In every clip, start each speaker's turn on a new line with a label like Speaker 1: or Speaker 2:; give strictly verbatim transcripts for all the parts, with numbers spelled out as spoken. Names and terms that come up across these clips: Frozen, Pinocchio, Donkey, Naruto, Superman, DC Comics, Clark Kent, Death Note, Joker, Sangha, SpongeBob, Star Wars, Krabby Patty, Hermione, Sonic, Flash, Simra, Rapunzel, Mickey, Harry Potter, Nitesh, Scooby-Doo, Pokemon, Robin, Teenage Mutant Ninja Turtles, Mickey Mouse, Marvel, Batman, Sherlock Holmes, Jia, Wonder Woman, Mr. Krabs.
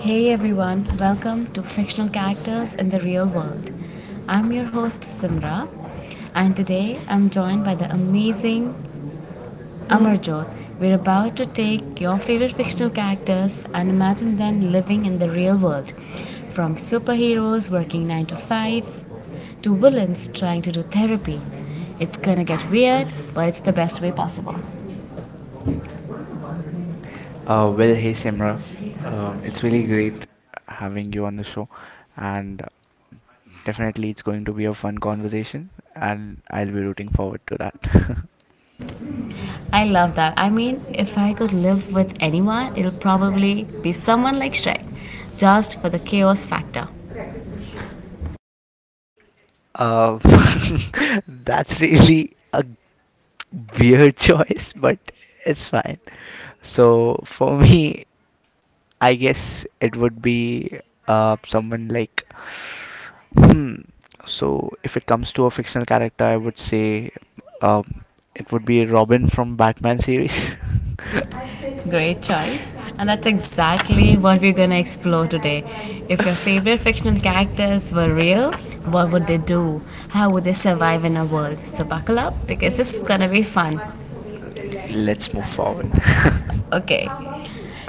Speaker 1: Hey everyone, welcome to Fictional Characters in the Real World. I'm your host Simra, and today I'm joined by the amazing Amarjot. We're about to take your favorite fictional characters and imagine them living in the real world. From superheroes working nine to five to villains trying to do therapy. It's gonna get weird, but it's the best way possible.
Speaker 2: Uh, well, hey Simra, um, it's really great having you on the show, and definitely it's going to be a fun conversation, and I'll be rooting forward to that.
Speaker 1: I love that. I mean, if I could live with anyone, it'll probably be someone like Shrek, just for the chaos factor.
Speaker 2: Uh, that's really a weird choice, but it's fine. So for me, I guess it would be uh, someone like hmm. So if it comes to a fictional character, I would say um, it would be Robin from Batman series.
Speaker 1: Great choice. And that's exactly what we're going to explore today. If your favorite fictional characters were real, what would they do? How would they survive in a world? So, buckle up because this is going to be fun.
Speaker 2: Let's move forward.
Speaker 1: Okay,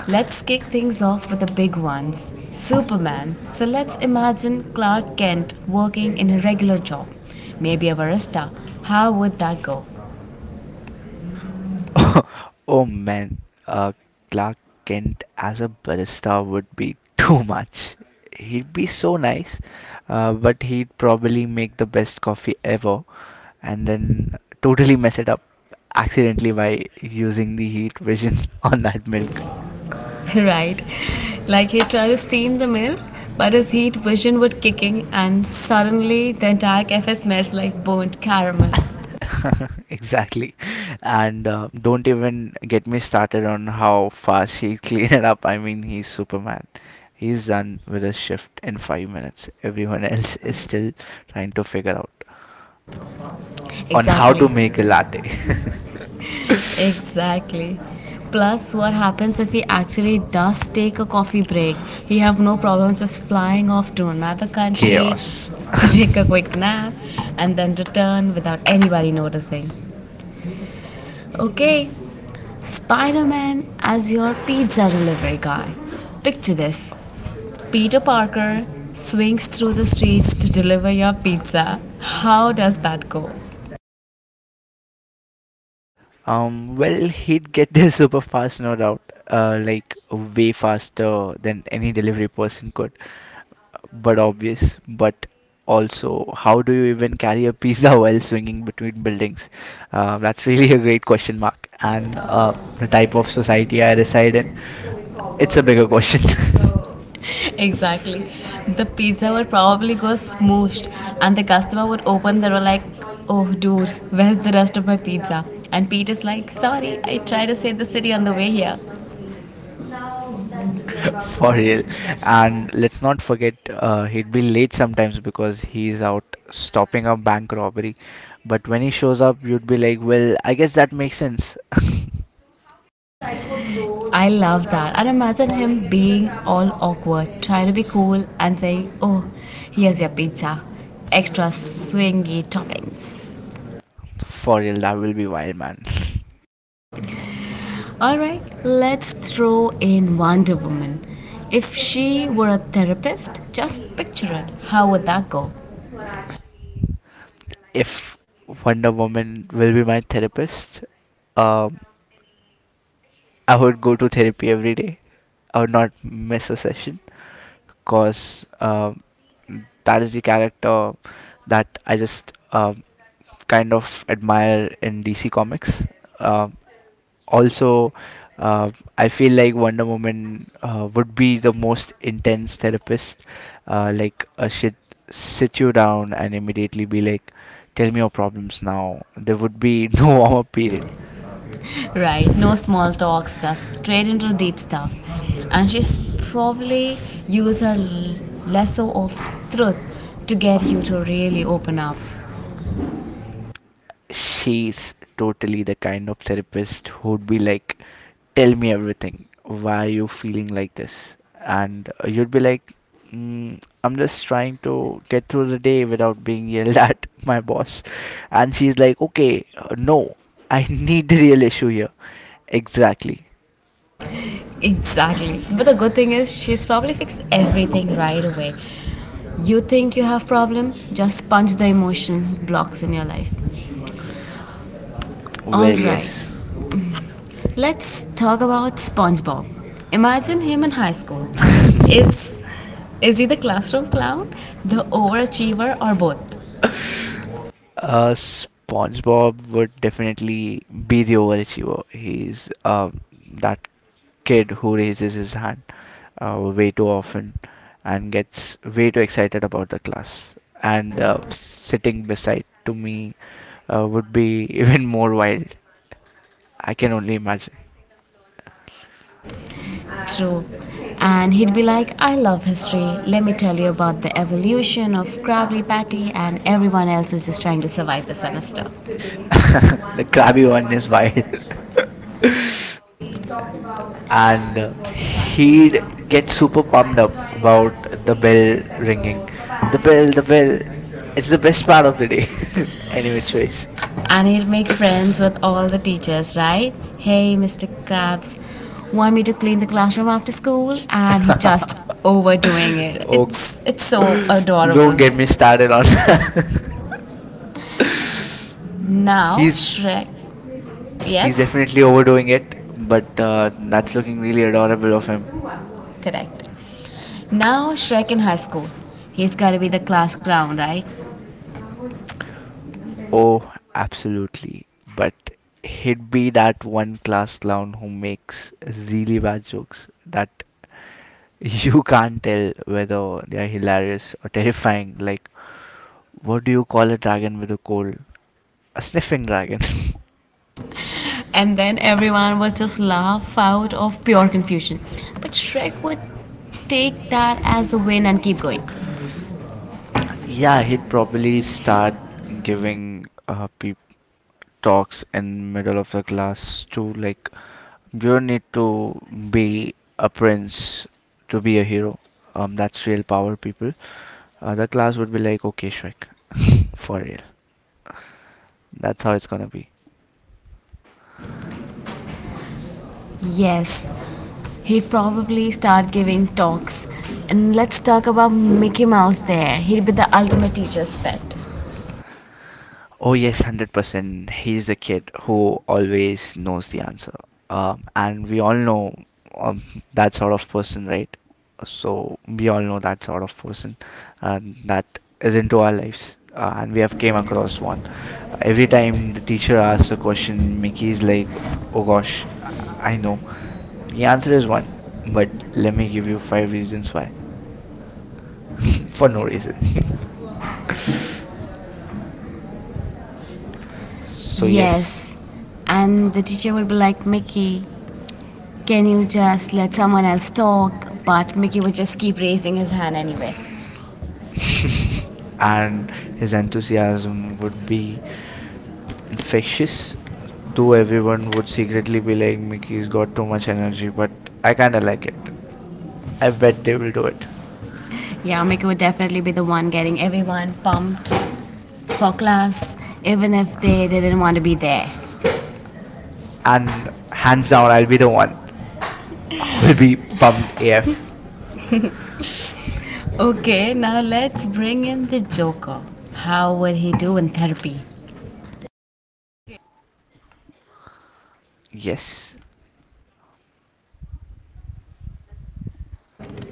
Speaker 1: let's kick things off with the big ones: Superman. So let's imagine Clark Kent working in a regular job, maybe a barista. How would that go?
Speaker 2: Oh man, uh, Clark Kent as a barista would be too much. He'd be so nice, uh, but he'd probably make the best coffee ever and then totally mess it up accidentally by using the heat vision on that milk.
Speaker 1: Right, like he'd try to steam the milk, but his heat vision would kick in, and suddenly the entire cafe smells like burnt caramel.
Speaker 2: Exactly. And uh, don't even get me started on how fast he'd clean it up. I mean, he's Superman. He's done with his shift in five minutes. Everyone else is still trying to figure out on how to
Speaker 1: Exactly.
Speaker 2: make a latte.
Speaker 1: Exactly. Plus, what happens if he actually does take a coffee break? He have no problems just flying off to another country
Speaker 2: Chaos.
Speaker 1: to take a quick nap and then return without anybody noticing. Okay, Spider-Man as your pizza delivery guy. Picture this: Peter Parker swings through the streets to deliver your pizza. How does that go?
Speaker 2: Um, well, he'd get there super fast, no doubt. Uh, like way faster than any delivery person could. But obvious. But also, how do you even carry a pizza while swinging between buildings? Uh, that's really a great question mark. And uh, the type of society I reside in, it's a bigger question.
Speaker 1: Exactly. The pizza would probably go smooshed, and the customer would open the door like, "Oh, dude, where's the rest of my pizza?" And Pete is like, "Sorry, I tried to save the city on the way here."
Speaker 2: For real. And let's not forget, uh, he'd be late sometimes because he's out stopping a bank robbery. But when he shows up, you'd be like, well, I guess that makes sense.
Speaker 1: I love that. And imagine him being all awkward, trying to be cool, and saying, "Oh, here's your pizza. Extra swingy toppings."
Speaker 2: For real, that will be wild, man.
Speaker 1: Alright, let's throw in Wonder Woman. If she were a therapist, just picture it. How would that go?
Speaker 2: If Wonder Woman will be my therapist, um, I would go to therapy every day. I would not miss a session because um, that is the character that I just um kind of admire in D C Comics. Um also uh, I feel like Wonder Woman uh, would be the most intense therapist, uh, like uh, she'd sit you down and immediately be like, tell me your problems now. There would be no warm up period.
Speaker 1: Right, no small talks, just straight into deep stuff. And she's probably use her l- lasso of truth to get you to really open up.
Speaker 2: She's totally the kind of therapist who'd be like, tell me everything. Why you feeling like this? And uh, you'd be like, mm, I'm just trying to get through the day without being yelled at my boss. And she's like, okay, uh, no, I need the real issue here. Exactly.
Speaker 1: Exactly. But the good thing is she's probably fixed everything right away. You think you have problem? Just punch the emotion blocks in your life. All
Speaker 2: Well,
Speaker 1: right.
Speaker 2: yes.
Speaker 1: Let's talk about SpongeBob. Imagine him in high school. Is is he the classroom clown, the overachiever, or both?
Speaker 2: Uh, SpongeBob would definitely be the overachiever. He's um, that kid who raises his hand uh, way too often and gets way too excited about the class. And uh, sitting beside to me uh, would be even more wild. I can only imagine.
Speaker 1: True. And he'd be like, "I love history. Let me tell you about the evolution of Krabby Patty," and everyone else is just trying to survive the semester.
Speaker 2: The crabby one is wild. and uh, he'd get super pumped up about the bell ringing. The bell, the bell. It's the best part of the day, any which ways.
Speaker 1: And he'd make friends with all the teachers, right? "Hey, mister Krabs, want me to clean the classroom after school?" And he just overdoing it.
Speaker 2: Oh, g-
Speaker 1: It's it's so
Speaker 2: don't
Speaker 1: adorable.
Speaker 2: get me started on.
Speaker 1: Now
Speaker 2: he's
Speaker 1: Shrek,
Speaker 2: he's
Speaker 1: yes.
Speaker 2: definitely overdoing it, but uh, that's looking really adorable of him.
Speaker 1: Correct. Now Shrek in high school. He's gotta be the class clown, right?
Speaker 2: Oh, absolutely. But he'd be that one class clown who makes really bad jokes that you can't tell whether they are hilarious or terrifying. Like, what do you call a dragon with a cold? A sniffing dragon.
Speaker 1: And then everyone would just laugh out of pure confusion. But Shrek would take that as a win and keep going.
Speaker 2: Yeah, he'd probably start giving uh, peep talks in middle of the class to like, you don't need to be a prince to be a hero. Um, that's real power, people. Uh, the class would be like, okay, Shrek, for real. That's how it's gonna be.
Speaker 1: Yes, he'd probably start giving talks. And let's talk about Mickey Mouse there. He'd be the ultimate teacher's pet.
Speaker 2: Oh yes, hundred percent. He's the kid who always knows the answer, um, and we all know um, that sort of person, right? So we all know that sort of person uh, that is into our lives, uh, and we have came across one. Every time the teacher asks a question, Mickey's like, "Oh gosh, I I know." The answer is one, but let me give you five reasons why, for no reason. So yes,
Speaker 1: Yes. And the teacher would be like, "Mickey, can you just let someone else talk?" But Mickey would just keep raising his hand anyway.
Speaker 2: and his enthusiasm would be infectious, though everyone would secretly be like, Mickey's got too much energy, but I kinda like it. I bet they will do it.
Speaker 1: Yeah, Mika would definitely be the one getting everyone pumped for class, even if they didn't want to be there.
Speaker 2: And hands down, I'll be the one who'll be pumped A F.
Speaker 1: Okay, now let's bring in the Joker. How would he do in therapy?
Speaker 2: Yes.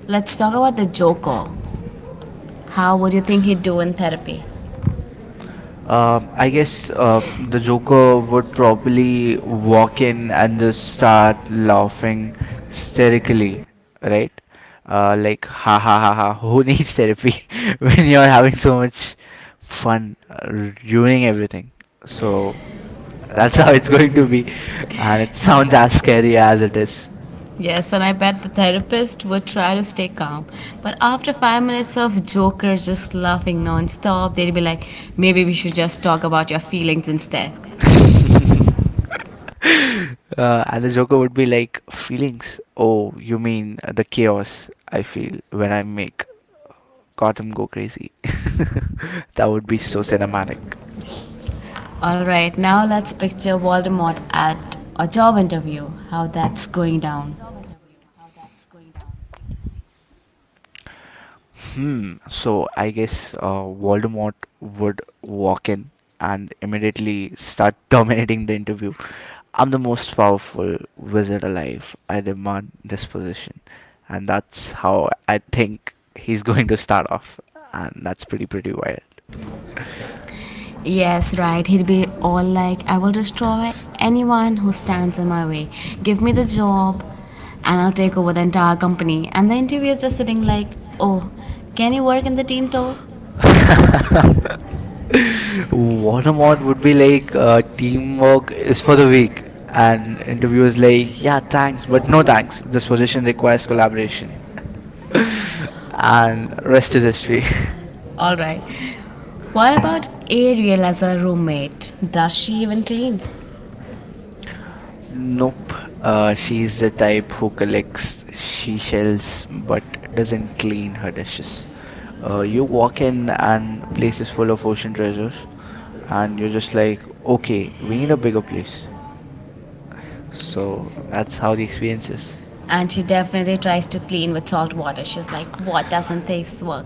Speaker 1: Let's talk about the Joker. How would you think he'd do in therapy? Uh,
Speaker 2: Um,
Speaker 1: I
Speaker 2: I guess
Speaker 1: guess uh,
Speaker 2: uh,
Speaker 1: the
Speaker 2: the Joker would probably walk in and
Speaker 1: Joker
Speaker 2: just
Speaker 1: stuff
Speaker 2: start laughing hysterically, right? Uh, like, ha ha ha ha, who needs therapy when you're having so much fun uh, ruining everything? So that's how it's going to be, and
Speaker 1: and
Speaker 2: it sounds as scary as it is.
Speaker 1: Yes, and I bet the therapist would try to stay calm. But after five minutes of Joker just laughing nonstop, they'd be like, maybe we should just talk about your feelings instead.
Speaker 2: Uh, and the Joker would be like, feelings. Oh, you mean the chaos I feel when I make Gotham go crazy. That would be so cinematic.
Speaker 1: Alright, now let's picture Voldemort at a job interview, how that's going down.
Speaker 2: Hmm. So I guess uh, Voldemort would walk in and immediately start dominating the interview. I'm the most powerful wizard alive. I demand this position. And that's how I think he's going to start off. And that's pretty, pretty wild.
Speaker 1: Yes, right. He'd be all like, "I will destroy anyone who stands in my way. Give me the job and I'll take over the entire company." And the interviewer is just sitting like, "Oh, can you work in the team too?"
Speaker 2: Watermont would be like, uh, teamwork is for the weak, and interview is like, yeah, thanks, but no thanks. This position requires collaboration, and rest is history.
Speaker 1: All right. What about Ariel as a roommate? Does she even clean? No,
Speaker 2: Nope, uh,
Speaker 1: uh,
Speaker 2: she's the type who collects she shells but doesn't clean her dishes. Uh, you walk in, and place is full of ocean treasures, and you're just like, okay, we need a bigger place. So that's how the experience is.
Speaker 1: and she definitely tries to clean with salt water. She's like, "What doesn't this work?"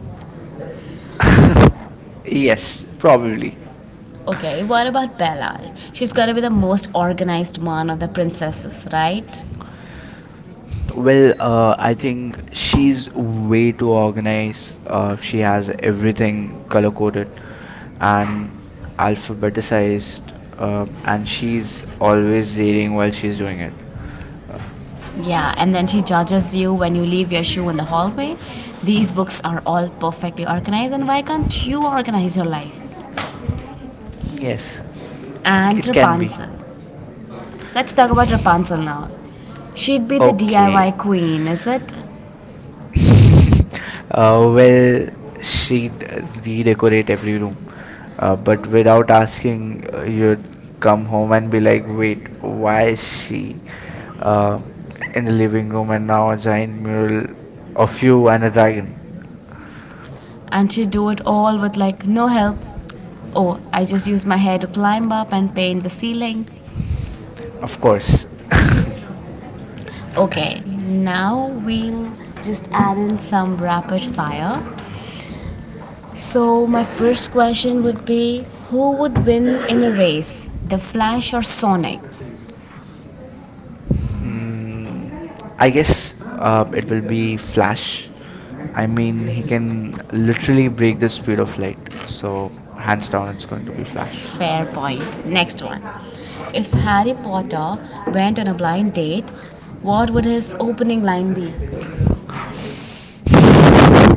Speaker 2: Yes, probably.
Speaker 1: Okay, what about Bella? She's gotta be the most organized one of the princesses, right?
Speaker 2: Well,
Speaker 1: Well,
Speaker 2: uh, I think she's way too organized. Uh, she has everything color coded
Speaker 1: Um,
Speaker 2: and alphabetized, um, and she's always reading while she's doing it. Uh,
Speaker 1: yeah, and then she judges you when you leave your shoe in the hallway. These books are all perfectly organized, and why can't you organize your life?
Speaker 2: yes,
Speaker 1: And
Speaker 2: it can be.
Speaker 1: Rapunzel. Let's talk about Rapunzel now. She'd be the
Speaker 2: Okay.
Speaker 1: D I Y queen, is it?
Speaker 2: Uh, well, she'd redecorate every room. Uh, but without asking, uh, you'd come home and be like, wait, why is she uh, in the living room and now a giant mural of you and a dragon?
Speaker 1: And she'd do it all with like no help. "Oh, I just used my hair to climb up and paint the ceiling."
Speaker 2: Of course.
Speaker 1: Okay, now we'll just add in some rapid fire. So, my first question would be: Who would win in a race, the Flash or Sonic?
Speaker 2: Hmm, I guess uh, it will be Flash. I mean, he can literally break the speed of light. So, hands down, it's going to be Flash.
Speaker 1: Fair point. Next one. If Harry Potter went on a blind date, what would his opening line be?
Speaker 2: There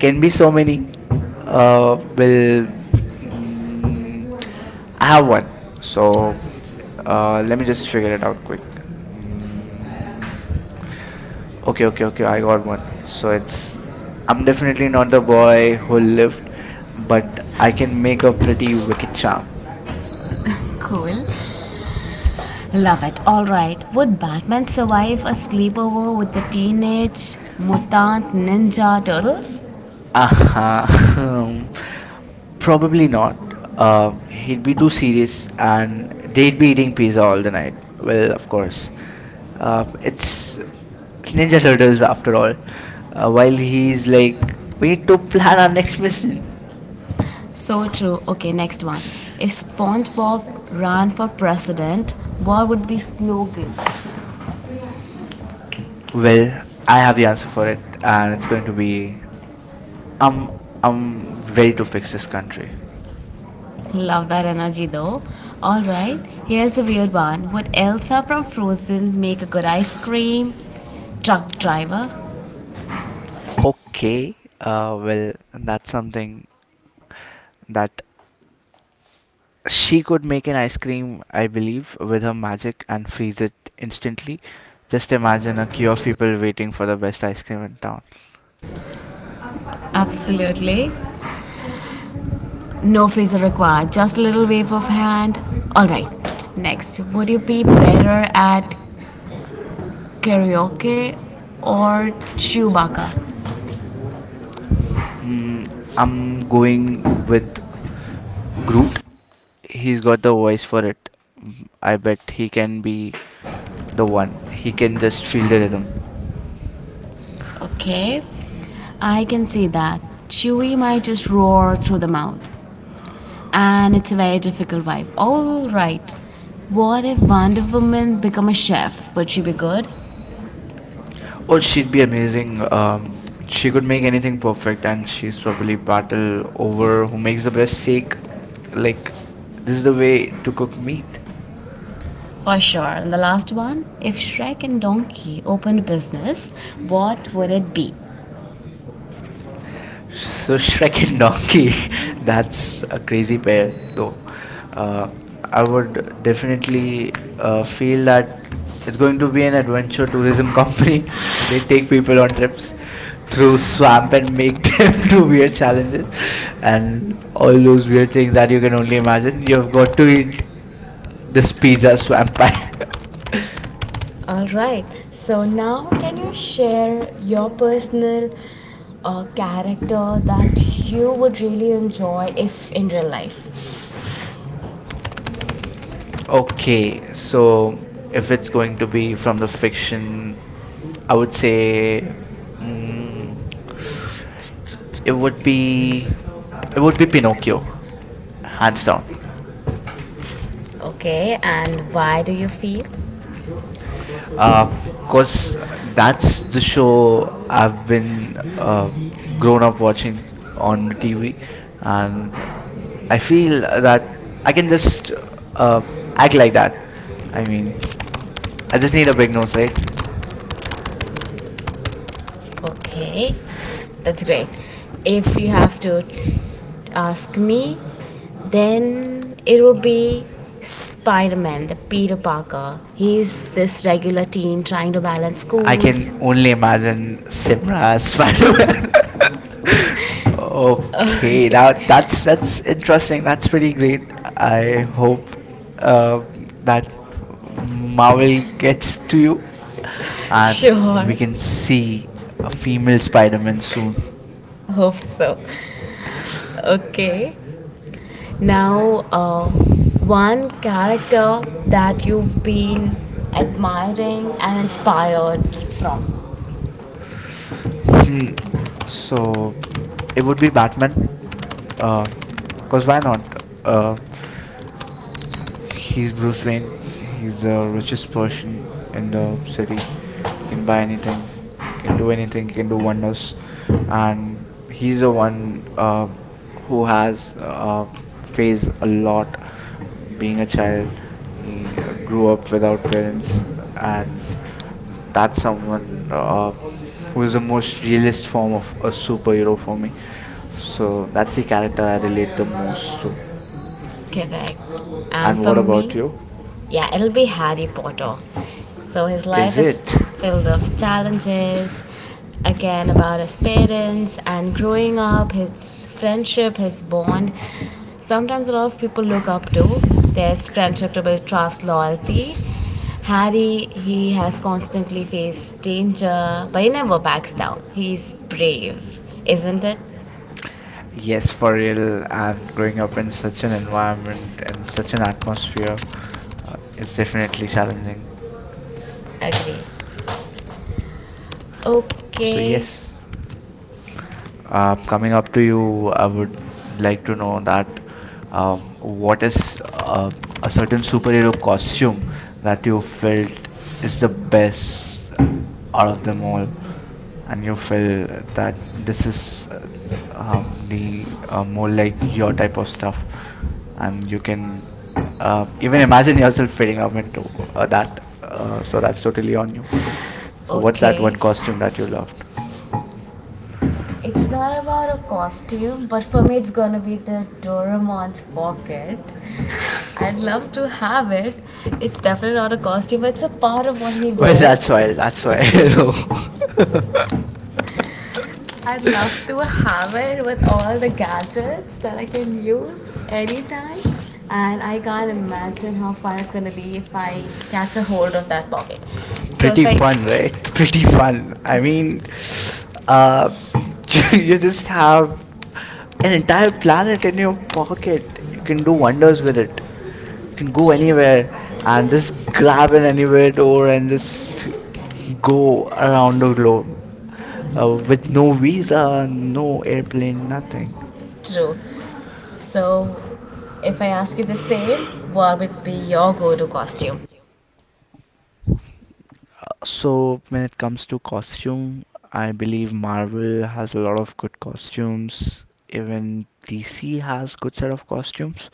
Speaker 2: can be so many. Uh, will mm, I have one. So Uh, let me just figure it out quick. Mm, okay, okay, okay. I got one. So it's, I'm definitely not the boy who lived, but I can make a pretty wicked charm.
Speaker 1: Cool. Love it. Alright, would Batman survive a sleepover with the teenage mutant ninja turtles?
Speaker 2: Aha. Probably not. Uh,
Speaker 1: um,
Speaker 2: he'd
Speaker 1: he
Speaker 2: be too serious,
Speaker 1: plays
Speaker 2: and
Speaker 1: and
Speaker 2: they'd
Speaker 1: they
Speaker 2: be eating pizza all the night. Well, of course. Uh,
Speaker 1: uh,
Speaker 2: it's
Speaker 1: it's
Speaker 2: Ninja Turtles after all. Uh, while he's
Speaker 1: he's like.
Speaker 2: like, we need to plan our next mission.
Speaker 1: So true. Okay, next one. If SpongeBob ran for president, what would be slogan?
Speaker 2: Well, I have the answer for it, and it's going to
Speaker 1: And
Speaker 2: be, I'm
Speaker 1: I'm,
Speaker 2: I'm ready to
Speaker 1: very
Speaker 2: fix this country.
Speaker 1: Love that energy though. Alright, here's a weird one. Would Elsa from Frozen make a good ice cream? Truck driver?
Speaker 2: Okay, uh, well, that's something that she could make an ice cream, I believe, with her magic and freeze it instantly. Just imagine a queue of people waiting for the best ice cream in town.
Speaker 1: Absolutely. No freezer required, just a little wave of hand. Alright, next. Would you be better at karaoke or Chewbacca?
Speaker 2: Mm, I'm going with Groot, he's got the voice for it. I bet he can be the one. He can just feel the rhythm.
Speaker 1: Okay, I can see that. Chewy might just roar through the mouth. And it's a very difficult vibe. All right. What if Wonder Woman become a chef? Would she be good?
Speaker 2: Oh, she'd be amazing. Um, she could make anything perfect, and she's probably battle over who makes the best steak. Like, this is the way to cook meat.
Speaker 1: For sure. And the last one, if Shrek and Donkey opened a business, what would it be?
Speaker 2: So Shrek and Donkey, that's a crazy pair, though. Uh, I would definitely
Speaker 1: Definitely,
Speaker 2: uh,
Speaker 1: uh,
Speaker 2: feel that it's going to be an adventure
Speaker 1: eventually
Speaker 2: tourism company. They
Speaker 1: it,
Speaker 2: take people on trips through
Speaker 1: so I
Speaker 2: swamp and make them
Speaker 1: can
Speaker 2: do
Speaker 1: do
Speaker 2: weird challenges and all those weird things that you can only imagine. You've got to eat this
Speaker 1: this.
Speaker 2: pizza swamp pie.
Speaker 1: All right. So now, can you share your personal uh, character that you would really enjoy if in real life? Okay,
Speaker 2: Okay, so
Speaker 1: so if
Speaker 2: if it's going to be from the fiction,
Speaker 1: I,
Speaker 2: I would say
Speaker 1: I,
Speaker 2: mm, it would be it would be Pinocchio, hands
Speaker 1: I
Speaker 2: down.
Speaker 1: want. Okay, and why do you feel?
Speaker 2: Uh, Course, that's the show I've been uh, grown up watching on the T V, and I feel that I can just uh, act like that. I mean, I just need a big nose, right?
Speaker 1: Okay, that's great. If you have to ask me, then it would be Spider Man, the Peter Parker. He's this regular teen trying to balance school,
Speaker 2: I can only imagine Simra as Spider.
Speaker 1: Spider-Man. Oh, uh,
Speaker 2: Okay, that that's that's
Speaker 1: that's it.
Speaker 2: interesting. That's pretty great. I
Speaker 1: I hope
Speaker 2: hope
Speaker 1: uh,
Speaker 2: uh,
Speaker 1: that
Speaker 2: that
Speaker 1: Marvel
Speaker 2: Marvel
Speaker 1: gets
Speaker 2: gets to
Speaker 1: to
Speaker 2: you,
Speaker 1: you. And
Speaker 2: and
Speaker 1: sure.
Speaker 2: we
Speaker 1: You
Speaker 2: can
Speaker 1: can see
Speaker 2: see a
Speaker 1: what we
Speaker 2: female Spider-Man
Speaker 1: managed to
Speaker 2: soon.
Speaker 1: do. Hope so. Okay. Now, uh, one character that you've been admiring and inspired from.
Speaker 2: Hmm.
Speaker 1: So,
Speaker 2: So it would be Batman, uh, cause why not?
Speaker 1: uh,
Speaker 2: Uh, he's Bruce Wayne. He's the
Speaker 1: So
Speaker 2: richest
Speaker 1: just push
Speaker 2: person
Speaker 1: and
Speaker 2: in the
Speaker 1: then sort of
Speaker 2: city. He can buy
Speaker 1: combine
Speaker 2: anything, he can
Speaker 1: and do
Speaker 2: do anything,
Speaker 1: anything
Speaker 2: he can do
Speaker 1: into one.
Speaker 2: wonders,
Speaker 1: And
Speaker 2: and he's the
Speaker 1: one
Speaker 2: one
Speaker 1: uh,
Speaker 2: um
Speaker 1: who
Speaker 2: who
Speaker 1: has
Speaker 2: has uh, faced a
Speaker 1: a lot,
Speaker 2: lot.
Speaker 1: being
Speaker 2: Being a
Speaker 1: a
Speaker 2: child,
Speaker 1: child,
Speaker 2: he grew
Speaker 1: grew up
Speaker 2: up without
Speaker 1: without parents,
Speaker 2: parents,
Speaker 1: and
Speaker 2: and
Speaker 1: that's
Speaker 2: that's
Speaker 1: someone
Speaker 2: someone
Speaker 1: uh,
Speaker 2: uh, who is
Speaker 1: who's a
Speaker 2: the most realist form of a
Speaker 1: strong.
Speaker 2: superhero for me. So
Speaker 1: So.
Speaker 2: that's the character I relate the most to.
Speaker 1: Correct. And
Speaker 2: And
Speaker 1: for
Speaker 2: what about
Speaker 1: me,
Speaker 2: you?
Speaker 1: yeah, it'll be Harry Potter. So his
Speaker 2: Is
Speaker 1: life is
Speaker 2: it?
Speaker 1: filled of challenges, again about his parents and growing up, his friendship, his bond. Sometimes a lot of people look up to. There's friendship to build trust, loyalty. Harry, he has constantly faced danger, but he never backs down. He's brave, isn't it?
Speaker 2: Yes, for real. And growing up in such an environment and such an atmosphere, uh, it's definitely challenging.
Speaker 1: Agree.
Speaker 2: So
Speaker 1: Okay.
Speaker 2: yes, uh, coming up to you, I would like to know that um, what is uh, a certain superhero costume that you felt is
Speaker 1: It's
Speaker 2: the
Speaker 1: the best
Speaker 2: best out of
Speaker 1: of
Speaker 2: them
Speaker 1: them all.
Speaker 2: all, and
Speaker 1: And
Speaker 2: you
Speaker 1: your
Speaker 2: feel that
Speaker 1: friends,
Speaker 2: this
Speaker 1: this,
Speaker 2: is uh, um,
Speaker 1: uh, you know,
Speaker 2: the uh, more
Speaker 1: um, like
Speaker 2: like your type
Speaker 1: your
Speaker 2: of
Speaker 1: stuff.
Speaker 2: stuff, and you can
Speaker 1: And,
Speaker 2: uh,
Speaker 1: uh,
Speaker 2: even imagine yourself fitting up into uh, that. Uh, so that's totally on you. So
Speaker 1: uh, what that
Speaker 2: what's that
Speaker 1: okay.
Speaker 2: one
Speaker 1: What that would cost
Speaker 2: costume that you
Speaker 1: me,
Speaker 2: loved?
Speaker 1: it's not about a costume, but for me, it's gonna be the Doraemon's pocket. I'd love to have it. It's definitely not a costume, but it's a part of what he, well,
Speaker 2: Well,
Speaker 1: wears. That's
Speaker 2: that's
Speaker 1: why.
Speaker 2: why.
Speaker 1: That's
Speaker 2: That's why. No.
Speaker 1: why. I'd love to have it with all the gadgets that I can use anytime. And I can't imagine how fun it's gonna be if I catch a hold of that pocket. So if
Speaker 2: Pretty fun, right?
Speaker 1: I.
Speaker 2: Pretty fun. I mean, uh, you just have an entire planet in your pocket. You can do wonders with
Speaker 1: And
Speaker 2: it. You can go anywhere and just
Speaker 1: just curl
Speaker 2: grab an anywhere
Speaker 1: it
Speaker 2: door
Speaker 1: over and
Speaker 2: and
Speaker 1: just
Speaker 2: just
Speaker 1: go
Speaker 2: go around the globe uh,
Speaker 1: uh,
Speaker 2: with
Speaker 1: with.
Speaker 2: no visa, no airplane, nothing.
Speaker 1: True. So, if I ask you the same, what would be your go to costume?
Speaker 2: So when it comes to costume, I believe Marvel has a lot of good costumes. Even D C has good set of costumes.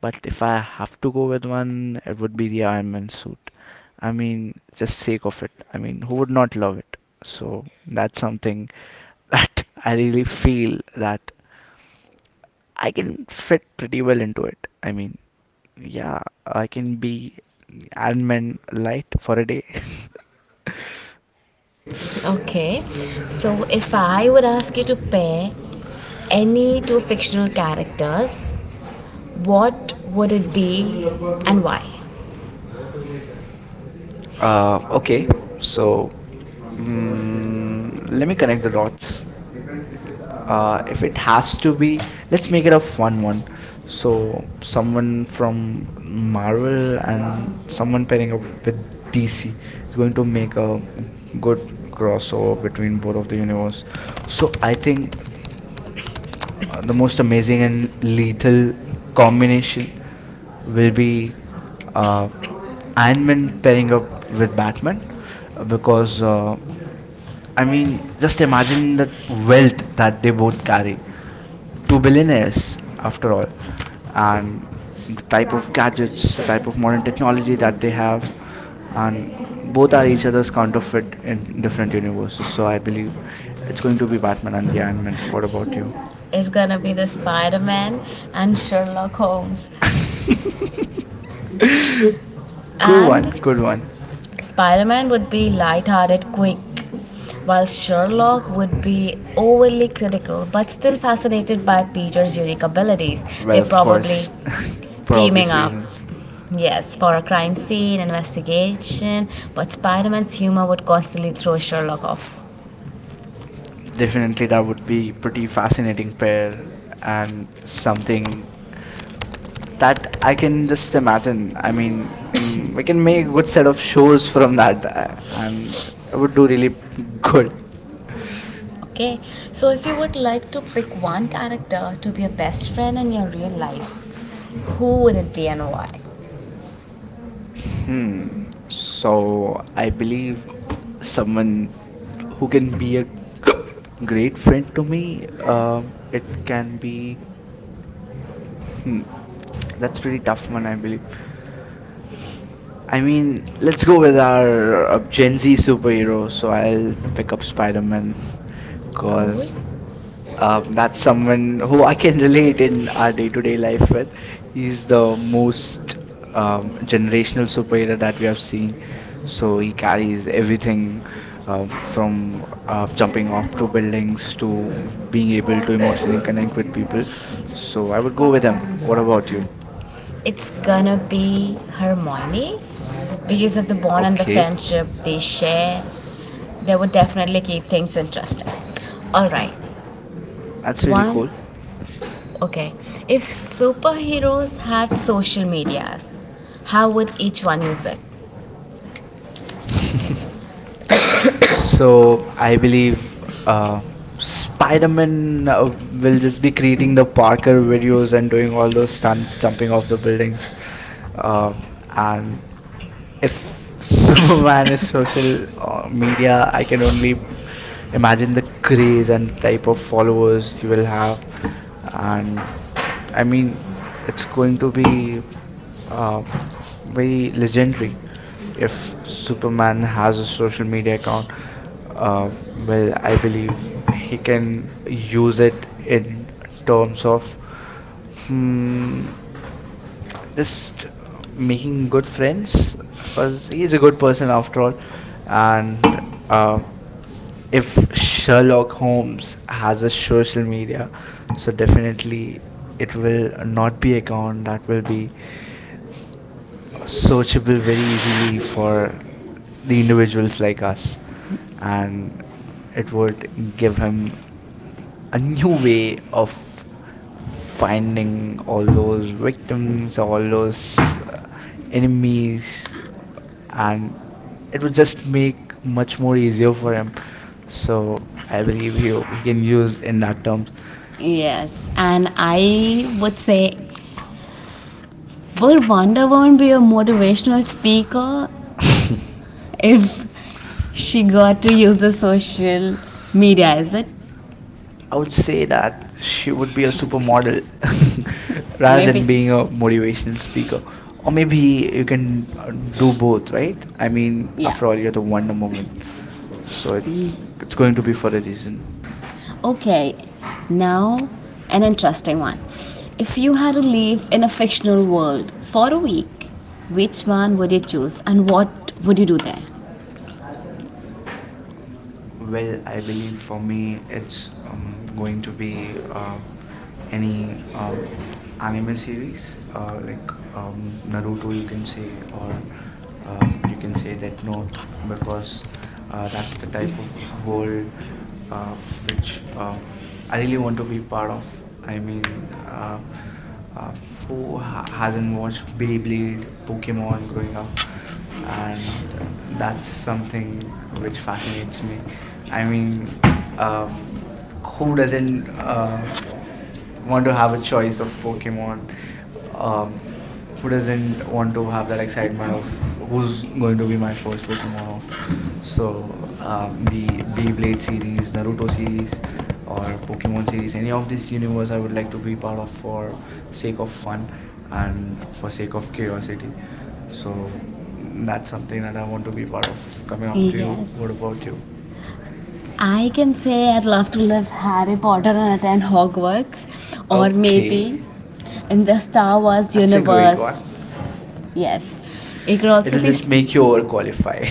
Speaker 2: But if I have to go with one, it would be the Iron Man suit. I mean, just sake of it. I mean, who would not love it? So that's something that I really feel that I can fit pretty well into it. I mean, yeah, I can be Iron Man light for a day.
Speaker 1: Okay. So, if I would ask you to pair any two fictional characters, what would it be and why?
Speaker 2: Uh,
Speaker 1: Uh,
Speaker 2: okay,
Speaker 1: okay,
Speaker 2: so
Speaker 1: so
Speaker 2: Mm, let me connect the dots. Uh,
Speaker 1: uh,
Speaker 2: if it has to be, let's make it a fun one.
Speaker 1: so
Speaker 2: So someone from Marvel and
Speaker 1: someone
Speaker 2: someone pairing
Speaker 1: pairing
Speaker 2: up with
Speaker 1: with D C.
Speaker 2: D C is going to make a
Speaker 1: Good
Speaker 2: good crossover
Speaker 1: crossover between
Speaker 2: between both of
Speaker 1: both, the
Speaker 2: the universe. So
Speaker 1: most,
Speaker 2: I think uh,
Speaker 1: the
Speaker 2: the
Speaker 1: most
Speaker 2: most
Speaker 1: amazing
Speaker 2: amazing
Speaker 1: and
Speaker 2: and lethal
Speaker 1: common
Speaker 2: combination will
Speaker 1: with
Speaker 2: be
Speaker 1: uh,
Speaker 2: uh, Iron
Speaker 1: Iron
Speaker 2: Man
Speaker 1: Man
Speaker 2: pairing
Speaker 1: pairing
Speaker 2: up
Speaker 1: up
Speaker 2: with
Speaker 1: with
Speaker 2: Batman
Speaker 1: Batman.
Speaker 2: uh, because uh,
Speaker 1: I
Speaker 2: I
Speaker 1: mean,
Speaker 2: mean,
Speaker 1: just
Speaker 2: just imagine the
Speaker 1: wealth
Speaker 2: wealth that
Speaker 1: that
Speaker 2: they both carry.
Speaker 1: two
Speaker 2: Two
Speaker 1: bits
Speaker 2: billionaires, after
Speaker 1: after
Speaker 2: all, and the
Speaker 1: type
Speaker 2: type of
Speaker 1: of catches
Speaker 2: gadgets, the
Speaker 1: that
Speaker 2: type of modern
Speaker 1: one day
Speaker 2: technology
Speaker 1: on-
Speaker 2: that they have, and
Speaker 1: both
Speaker 2: both are
Speaker 1: are each
Speaker 2: each
Speaker 1: other.
Speaker 2: other's counterfeit in different universes. So I believe it's going to be Batman and the Iron Man. What about you?
Speaker 1: Is gonna be the Spider Man and Sherlock Holmes.
Speaker 2: Good one,
Speaker 1: And
Speaker 2: good one.
Speaker 1: Spider Man would be light-hearted, quick, while Sherlock would be overly critical but still fascinated by Peter's unique abilities.
Speaker 2: Well,
Speaker 1: They're
Speaker 2: of
Speaker 1: probably
Speaker 2: course, for
Speaker 1: teaming
Speaker 2: obvious
Speaker 1: up.
Speaker 2: reasons.
Speaker 1: Yes, for a crime scene investigation, but Spider Man's humor would constantly throw Sherlock off.
Speaker 2: Definitely, that would be pretty fascinating pair
Speaker 1: Prepare
Speaker 2: and
Speaker 1: something
Speaker 2: something that
Speaker 1: that I,
Speaker 2: I can just imagine.
Speaker 1: I
Speaker 2: I mean,
Speaker 1: mean,
Speaker 2: mm,
Speaker 1: we
Speaker 2: we
Speaker 1: can
Speaker 2: can make
Speaker 1: make
Speaker 2: a good
Speaker 1: what set
Speaker 2: set
Speaker 1: of
Speaker 2: of
Speaker 1: shows.
Speaker 2: shows from that, uh, and it would do really good.
Speaker 1: Okay, so if you would like to pick one character to be your best friend in your real life, who would it be and why?
Speaker 2: Hmm.
Speaker 1: Hmm. So
Speaker 2: So I believe
Speaker 1: some
Speaker 2: someone who
Speaker 1: who can
Speaker 2: can
Speaker 1: be
Speaker 2: be a
Speaker 1: a great
Speaker 2: great friend to me.
Speaker 1: friend? Uh,
Speaker 2: Um,
Speaker 1: it
Speaker 2: it can
Speaker 1: can be,
Speaker 2: be. Hmm, that's
Speaker 1: let's,
Speaker 2: pretty tough one, I believe. I
Speaker 1: I think,
Speaker 2: mean, let's
Speaker 1: let's
Speaker 2: go with our uh,
Speaker 1: uh,
Speaker 2: Gen Z superhero.
Speaker 1: so
Speaker 2: So
Speaker 1: I'll
Speaker 2: I'll pick up Spider Man
Speaker 1: Cohen?
Speaker 2: because um, that's someone who I can relate in
Speaker 1: Those
Speaker 2: our
Speaker 1: uh,
Speaker 2: day-to-day life with. He's the most um, generational superhero that we have seen.
Speaker 1: so
Speaker 2: So he carries
Speaker 1: everything
Speaker 2: everything
Speaker 1: uh,
Speaker 2: um,
Speaker 1: from
Speaker 2: from uh,
Speaker 1: uh,
Speaker 2: jumping
Speaker 1: jumping off
Speaker 2: off to
Speaker 1: the buildings
Speaker 2: buildings
Speaker 1: to
Speaker 2: to
Speaker 1: being
Speaker 2: being able
Speaker 1: able
Speaker 2: to
Speaker 1: to
Speaker 2: emotionally
Speaker 1: network and
Speaker 2: connect with people.
Speaker 1: everything. So,
Speaker 2: So I would go
Speaker 1: what
Speaker 2: with him. What
Speaker 1: about
Speaker 2: about you?
Speaker 1: you? It's gonna be Hermione because of the bond and the
Speaker 2: Okay,
Speaker 1: friendship they share. They would definitely keep things interesting. All right,
Speaker 2: that's really
Speaker 1: one.
Speaker 2: cool.
Speaker 1: Okay, if superheroes had social medias, how would each one use it?
Speaker 2: So
Speaker 1: So,
Speaker 2: I
Speaker 1: uh,
Speaker 2: believe uh,
Speaker 1: spy
Speaker 2: Spider-Man uh, will just be creating the
Speaker 1: the
Speaker 2: Parker videos
Speaker 1: videos
Speaker 2: and doing all those
Speaker 1: and
Speaker 2: stunts,
Speaker 1: stuff.
Speaker 2: jumping off the buildings. Uh,
Speaker 1: Um,
Speaker 2: and
Speaker 1: if
Speaker 2: if
Speaker 1: Superman
Speaker 2: Superman is
Speaker 1: is
Speaker 2: social
Speaker 1: social
Speaker 2: uh, media,
Speaker 1: media
Speaker 2: I
Speaker 1: can
Speaker 2: can only
Speaker 1: only mark
Speaker 2: imagine the craze and type of
Speaker 1: followers
Speaker 2: followers he will
Speaker 1: will.
Speaker 2: have. And
Speaker 1: I
Speaker 2: I
Speaker 1: mean,
Speaker 2: mean,
Speaker 1: it's
Speaker 2: it's going
Speaker 1: going to
Speaker 2: to be
Speaker 1: be
Speaker 2: uh,
Speaker 1: um,
Speaker 2: very
Speaker 1: very
Speaker 2: legendary
Speaker 1: if
Speaker 2: if
Speaker 1: super-
Speaker 2: Superman has a
Speaker 1: social
Speaker 2: social
Speaker 1: media
Speaker 2: media
Speaker 1: uh,
Speaker 2: account.
Speaker 1: maybe we can
Speaker 2: Uh,
Speaker 1: use
Speaker 2: well, I believe
Speaker 1: it just
Speaker 2: he
Speaker 1: making good
Speaker 2: can use it in terms of hmm, just making good friends because
Speaker 1: first
Speaker 2: he's
Speaker 1: and
Speaker 2: a good person after all. And um, if
Speaker 1: if
Speaker 2: Sherlock
Speaker 1: Sherlock
Speaker 2: Holmes has a social media,
Speaker 1: so
Speaker 2: so definitely
Speaker 1: it
Speaker 2: it
Speaker 1: will
Speaker 2: will
Speaker 1: so
Speaker 2: not be account that will be
Speaker 1: it will
Speaker 2: searchable
Speaker 1: be
Speaker 2: very
Speaker 1: for
Speaker 2: easily for the individuals like
Speaker 1: us
Speaker 2: us,
Speaker 1: and
Speaker 2: and it would give him a new way of finding
Speaker 1: finding
Speaker 2: all
Speaker 1: always
Speaker 2: those victims, all those uh,
Speaker 1: enemies.
Speaker 2: enemies,
Speaker 1: And
Speaker 2: and
Speaker 1: it
Speaker 2: it
Speaker 1: will
Speaker 2: would just
Speaker 1: just be
Speaker 2: make much more
Speaker 1: more easier
Speaker 2: easier
Speaker 1: for
Speaker 2: for
Speaker 1: us.
Speaker 2: him.
Speaker 1: So
Speaker 2: So
Speaker 1: I
Speaker 2: I
Speaker 1: will
Speaker 2: believe he
Speaker 1: use
Speaker 2: he can
Speaker 1: will use
Speaker 2: use in that terms.
Speaker 1: Yes, and I would say, would Wonder Woman be a motivational speaker if she got to use the social media? Is it?
Speaker 2: I would say that she would be a supermodel rather
Speaker 1: Maybe.
Speaker 2: than being a motivational speaker. Or maybe you can uh, do both, right? I mean,
Speaker 1: Yeah.
Speaker 2: after all, you're the Wonder Woman, so
Speaker 1: Mm.
Speaker 2: it's it's going to be for a reason.
Speaker 1: Okay, now an interesting one. If you had to live in a fictional world for a week, which one would you choose and what would you do there?
Speaker 2: Well,
Speaker 1: Well, I
Speaker 2: I believe
Speaker 1: believe
Speaker 2: for
Speaker 1: for me
Speaker 2: me it's
Speaker 1: it's
Speaker 2: um, going
Speaker 1: going to
Speaker 2: to
Speaker 1: be
Speaker 2: be
Speaker 1: uh,
Speaker 2: uh, any um,
Speaker 1: any
Speaker 2: anime
Speaker 1: anime series,
Speaker 2: series
Speaker 1: uh,
Speaker 2: uh, like
Speaker 1: like um,
Speaker 2: um, Naruto,
Speaker 1: Naruto.
Speaker 2: you
Speaker 1: You
Speaker 2: can
Speaker 1: can say,
Speaker 2: say, or
Speaker 1: uh,
Speaker 2: uh,
Speaker 1: um,
Speaker 2: you
Speaker 1: you
Speaker 2: can
Speaker 1: can
Speaker 2: say
Speaker 1: say
Speaker 2: Death
Speaker 1: that no,
Speaker 2: Note
Speaker 1: the
Speaker 2: because
Speaker 1: first
Speaker 2: uh, that's the
Speaker 1: uh, that
Speaker 2: type of
Speaker 1: whole
Speaker 2: world uh,
Speaker 1: uh,
Speaker 2: which
Speaker 1: which
Speaker 2: uh,
Speaker 1: uh,
Speaker 2: I
Speaker 1: I
Speaker 2: really
Speaker 1: really
Speaker 2: want
Speaker 1: want
Speaker 2: to
Speaker 1: to
Speaker 2: be
Speaker 1: be
Speaker 2: part
Speaker 1: part of.
Speaker 2: of.
Speaker 1: I
Speaker 2: I
Speaker 1: mean,
Speaker 2: mean, uh,
Speaker 1: um,
Speaker 2: uh, who
Speaker 1: who
Speaker 2: ha- hasn't
Speaker 1: hasn't
Speaker 2: watched
Speaker 1: watched big
Speaker 2: Beyblade, Pokemon
Speaker 1: Pokemon
Speaker 2: growing
Speaker 1: growing
Speaker 2: up?
Speaker 1: up.
Speaker 2: And
Speaker 1: And
Speaker 2: that's
Speaker 1: that's something
Speaker 2: something
Speaker 1: which
Speaker 2: which
Speaker 1: fascinates
Speaker 2: fascinates me.
Speaker 1: me.
Speaker 2: I
Speaker 1: I mean,
Speaker 2: mean, uh,
Speaker 1: um,
Speaker 2: who
Speaker 1: who
Speaker 2: doesn't
Speaker 1: doesn't
Speaker 2: uh,
Speaker 1: uh,
Speaker 2: want
Speaker 1: want
Speaker 2: to
Speaker 1: to
Speaker 2: have a
Speaker 1: have a
Speaker 2: choice
Speaker 1: choice
Speaker 2: of
Speaker 1: of Pokemon?
Speaker 2: Pokemon? Uh,
Speaker 1: Um,
Speaker 2: who
Speaker 1: who
Speaker 2: doesn't
Speaker 1: doesn't
Speaker 2: want
Speaker 1: want
Speaker 2: to
Speaker 1: to
Speaker 2: have
Speaker 1: have
Speaker 2: that
Speaker 1: that
Speaker 2: excitement
Speaker 1: excitement of
Speaker 2: of who's
Speaker 1: who's
Speaker 2: going
Speaker 1: going
Speaker 2: to
Speaker 1: to
Speaker 2: be
Speaker 1: be
Speaker 2: my
Speaker 1: my
Speaker 2: first
Speaker 1: first
Speaker 2: Pokemon
Speaker 1: Pokemon?
Speaker 2: of?
Speaker 1: So,
Speaker 2: So
Speaker 1: um,
Speaker 2: um,
Speaker 1: the
Speaker 2: the Beyblade
Speaker 1: Beyblade series,
Speaker 2: series, Naruto
Speaker 1: Naruto series,
Speaker 2: series,
Speaker 1: or
Speaker 2: or Pokemon series,
Speaker 1: opportunities,
Speaker 2: any
Speaker 1: any
Speaker 2: of
Speaker 1: of
Speaker 2: this
Speaker 1: these
Speaker 2: universe,
Speaker 1: universe
Speaker 2: I
Speaker 1: I
Speaker 2: would
Speaker 1: would
Speaker 2: like
Speaker 1: like
Speaker 2: to
Speaker 1: to
Speaker 2: be
Speaker 1: be
Speaker 2: part
Speaker 1: part
Speaker 2: of
Speaker 1: of
Speaker 2: for
Speaker 1: for
Speaker 2: sake
Speaker 1: sake
Speaker 2: of
Speaker 1: of fun
Speaker 2: fun and
Speaker 1: and
Speaker 2: for
Speaker 1: for
Speaker 2: sake
Speaker 1: sake of
Speaker 2: of
Speaker 1: curiosity.
Speaker 2: curiosity.
Speaker 1: So
Speaker 2: So mm, that's
Speaker 1: that's
Speaker 2: something
Speaker 1: something
Speaker 2: that
Speaker 1: that
Speaker 2: I
Speaker 1: I
Speaker 2: want
Speaker 1: want
Speaker 2: to
Speaker 1: to
Speaker 2: be
Speaker 1: be
Speaker 2: part
Speaker 1: part
Speaker 2: of. Coming
Speaker 1: of.
Speaker 2: up to you, what
Speaker 1: Yes.
Speaker 2: about you?
Speaker 1: I can say I'd love to live Harry Potter and attend Hogwarts, or maybe in the Star
Speaker 2: Okay,
Speaker 1: Wars
Speaker 2: that's a great one.
Speaker 1: universe. Yes, it could also
Speaker 2: Will
Speaker 1: be
Speaker 2: just make you overqualified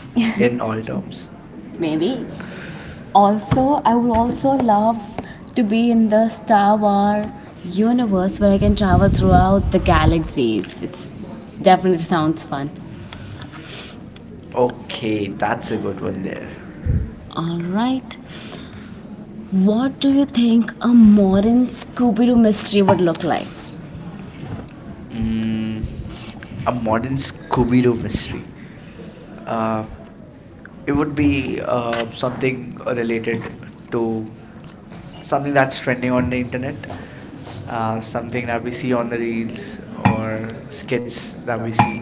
Speaker 2: in
Speaker 1: in all
Speaker 2: all
Speaker 1: terms.
Speaker 2: terms.
Speaker 1: Maybe also i would also love to be in the Star Wars universe where I can travel throughout the galaxies. It's definitely sounds fun.
Speaker 2: Okay,
Speaker 1: Okay,
Speaker 2: that's
Speaker 1: that's
Speaker 2: a
Speaker 1: a
Speaker 2: good
Speaker 1: good
Speaker 2: one there.
Speaker 1: one. All right, what do you think a modern Scooby-Doo mystery would look like?
Speaker 2: Mm,
Speaker 1: Mm,
Speaker 2: a
Speaker 1: a
Speaker 2: modern
Speaker 1: morning
Speaker 2: Scooby
Speaker 1: Scooby
Speaker 2: Doo
Speaker 1: Doo mystery.
Speaker 2: mystery. Uh,
Speaker 1: Uh,
Speaker 2: it
Speaker 1: It
Speaker 2: would
Speaker 1: would
Speaker 2: be
Speaker 1: be uh,
Speaker 2: uh, something
Speaker 1: something related
Speaker 2: related
Speaker 1: to
Speaker 2: to something
Speaker 1: something
Speaker 2: that's
Speaker 1: that's
Speaker 2: trending
Speaker 1: trending
Speaker 2: on
Speaker 1: on
Speaker 2: the
Speaker 1: the internet,
Speaker 2: internet, uh,
Speaker 1: uh,
Speaker 2: something
Speaker 1: something
Speaker 2: that
Speaker 1: that
Speaker 2: we
Speaker 1: we
Speaker 2: see
Speaker 1: see
Speaker 2: on
Speaker 1: on
Speaker 2: the
Speaker 1: the reels
Speaker 2: reels or
Speaker 1: or
Speaker 2: skits
Speaker 1: skits
Speaker 2: that
Speaker 1: that
Speaker 2: we
Speaker 1: we see.
Speaker 2: see.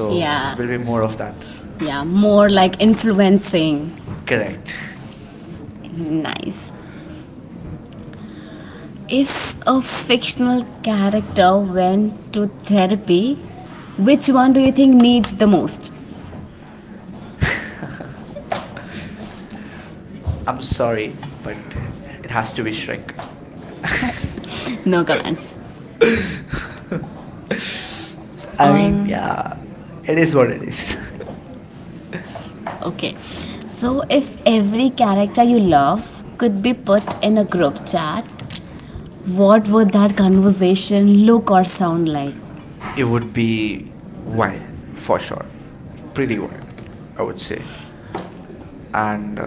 Speaker 1: So yeah.
Speaker 2: it
Speaker 1: A
Speaker 2: will be
Speaker 1: little
Speaker 2: more
Speaker 1: more
Speaker 2: of
Speaker 1: of
Speaker 2: that.
Speaker 1: that. Yeah, more like influencing. Correct.
Speaker 2: Correct.
Speaker 1: Nice. If a fictional character went to therapy, which one do you think needs the most?
Speaker 2: I'm
Speaker 1: I'm sorry.
Speaker 2: sorry, but it
Speaker 1: It
Speaker 2: has
Speaker 1: has
Speaker 2: to
Speaker 1: to
Speaker 2: be
Speaker 1: be
Speaker 2: Shrek.
Speaker 1: Shrek. No comments.
Speaker 2: I
Speaker 1: Or
Speaker 2: mean, yeah,
Speaker 1: yeah,
Speaker 2: it
Speaker 1: it
Speaker 2: is
Speaker 1: is what
Speaker 2: what it
Speaker 1: it
Speaker 2: is.
Speaker 1: is. Okay, so if every character you love could be put in a group chat, what would that conversation look or sound like?
Speaker 2: It
Speaker 1: It
Speaker 2: would
Speaker 1: would be
Speaker 2: be
Speaker 1: one
Speaker 2: wild for
Speaker 1: for
Speaker 2: sure,
Speaker 1: sure.
Speaker 2: pretty
Speaker 1: Pretty
Speaker 2: wild,
Speaker 1: one,
Speaker 2: I
Speaker 1: I
Speaker 2: would
Speaker 1: would say.
Speaker 2: say. And
Speaker 1: And
Speaker 2: uh,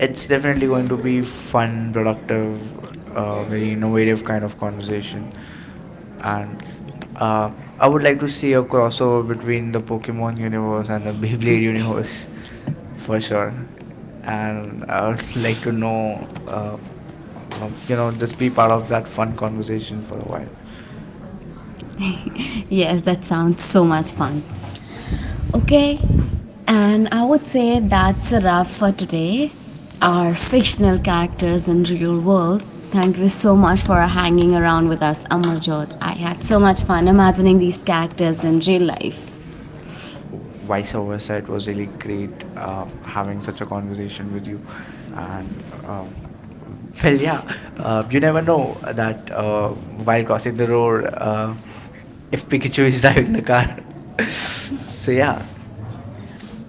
Speaker 2: It's
Speaker 1: it's
Speaker 2: definitely
Speaker 1: definitely going
Speaker 2: going to
Speaker 1: to
Speaker 2: be
Speaker 1: be fun
Speaker 2: fun,
Speaker 1: and
Speaker 2: productive,
Speaker 1: productive,
Speaker 2: uh,
Speaker 1: uh,
Speaker 2: very innovative
Speaker 1: innovative kind
Speaker 2: kind of
Speaker 1: of
Speaker 2: conversation.
Speaker 1: conversation.
Speaker 2: And um, I
Speaker 1: uh,
Speaker 2: would like to see a crossover
Speaker 1: Between
Speaker 2: between
Speaker 1: the
Speaker 2: the Pokemon
Speaker 1: Pokemon
Speaker 2: universe
Speaker 1: universe
Speaker 2: and the
Speaker 1: and the Hindi
Speaker 2: Beyblade
Speaker 1: universe,
Speaker 2: universe for
Speaker 1: for sure.
Speaker 2: sure. And
Speaker 1: And I
Speaker 2: I
Speaker 1: would
Speaker 2: would like
Speaker 1: like to
Speaker 2: to
Speaker 1: know,
Speaker 2: know, um,
Speaker 1: uh,
Speaker 2: um, you know,
Speaker 1: you
Speaker 2: just be part of that fun
Speaker 1: know,
Speaker 2: conversation for a while.
Speaker 1: conversation. Yes, that sounds so much fun. Okay, and I would say that's a wrap for today. Our fictional characters in real world. Thank you so much for hanging around with us, Amarjot. I had so much fun imagining these characters in real life.
Speaker 2: Vice versa,
Speaker 1: Really,
Speaker 2: it was really great uh, having
Speaker 1: um,
Speaker 2: such a
Speaker 1: such.
Speaker 2: conversation with you, and um,
Speaker 1: Um,
Speaker 2: well yeah,
Speaker 1: yeah,
Speaker 2: uh,
Speaker 1: uh,
Speaker 2: you never
Speaker 1: I know
Speaker 2: know that
Speaker 1: that
Speaker 2: uh,
Speaker 1: uh, by
Speaker 2: while crossing the road, uh, if Pikachu
Speaker 1: actually
Speaker 2: is
Speaker 1: he's
Speaker 2: driving
Speaker 1: driving
Speaker 2: the
Speaker 1: the
Speaker 2: car.
Speaker 1: car.
Speaker 2: So
Speaker 1: So,
Speaker 2: yeah,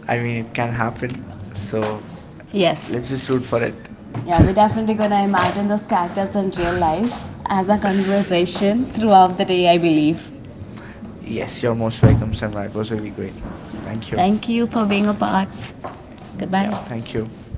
Speaker 2: I
Speaker 1: I
Speaker 2: mean,
Speaker 1: mean,
Speaker 2: it
Speaker 1: it
Speaker 2: can
Speaker 1: can
Speaker 2: happen.
Speaker 1: happen. So,
Speaker 2: So
Speaker 1: yes,
Speaker 2: let's
Speaker 1: this is.
Speaker 2: just root for it.
Speaker 1: Yeah, we're definitely gonna imagine those characters in real life as a conversation throughout the day, I believe.
Speaker 2: Yes,
Speaker 1: Yes, you
Speaker 2: you're
Speaker 1: most
Speaker 2: most welcome,
Speaker 1: welcome, Sangha.
Speaker 2: Samurai. It
Speaker 1: It
Speaker 2: was
Speaker 1: was really
Speaker 2: really great. Thank
Speaker 1: great.
Speaker 2: you.
Speaker 1: Thank you for being a part. Goodbye.
Speaker 2: Yeah, thank
Speaker 1: Thank
Speaker 2: you.
Speaker 1: you.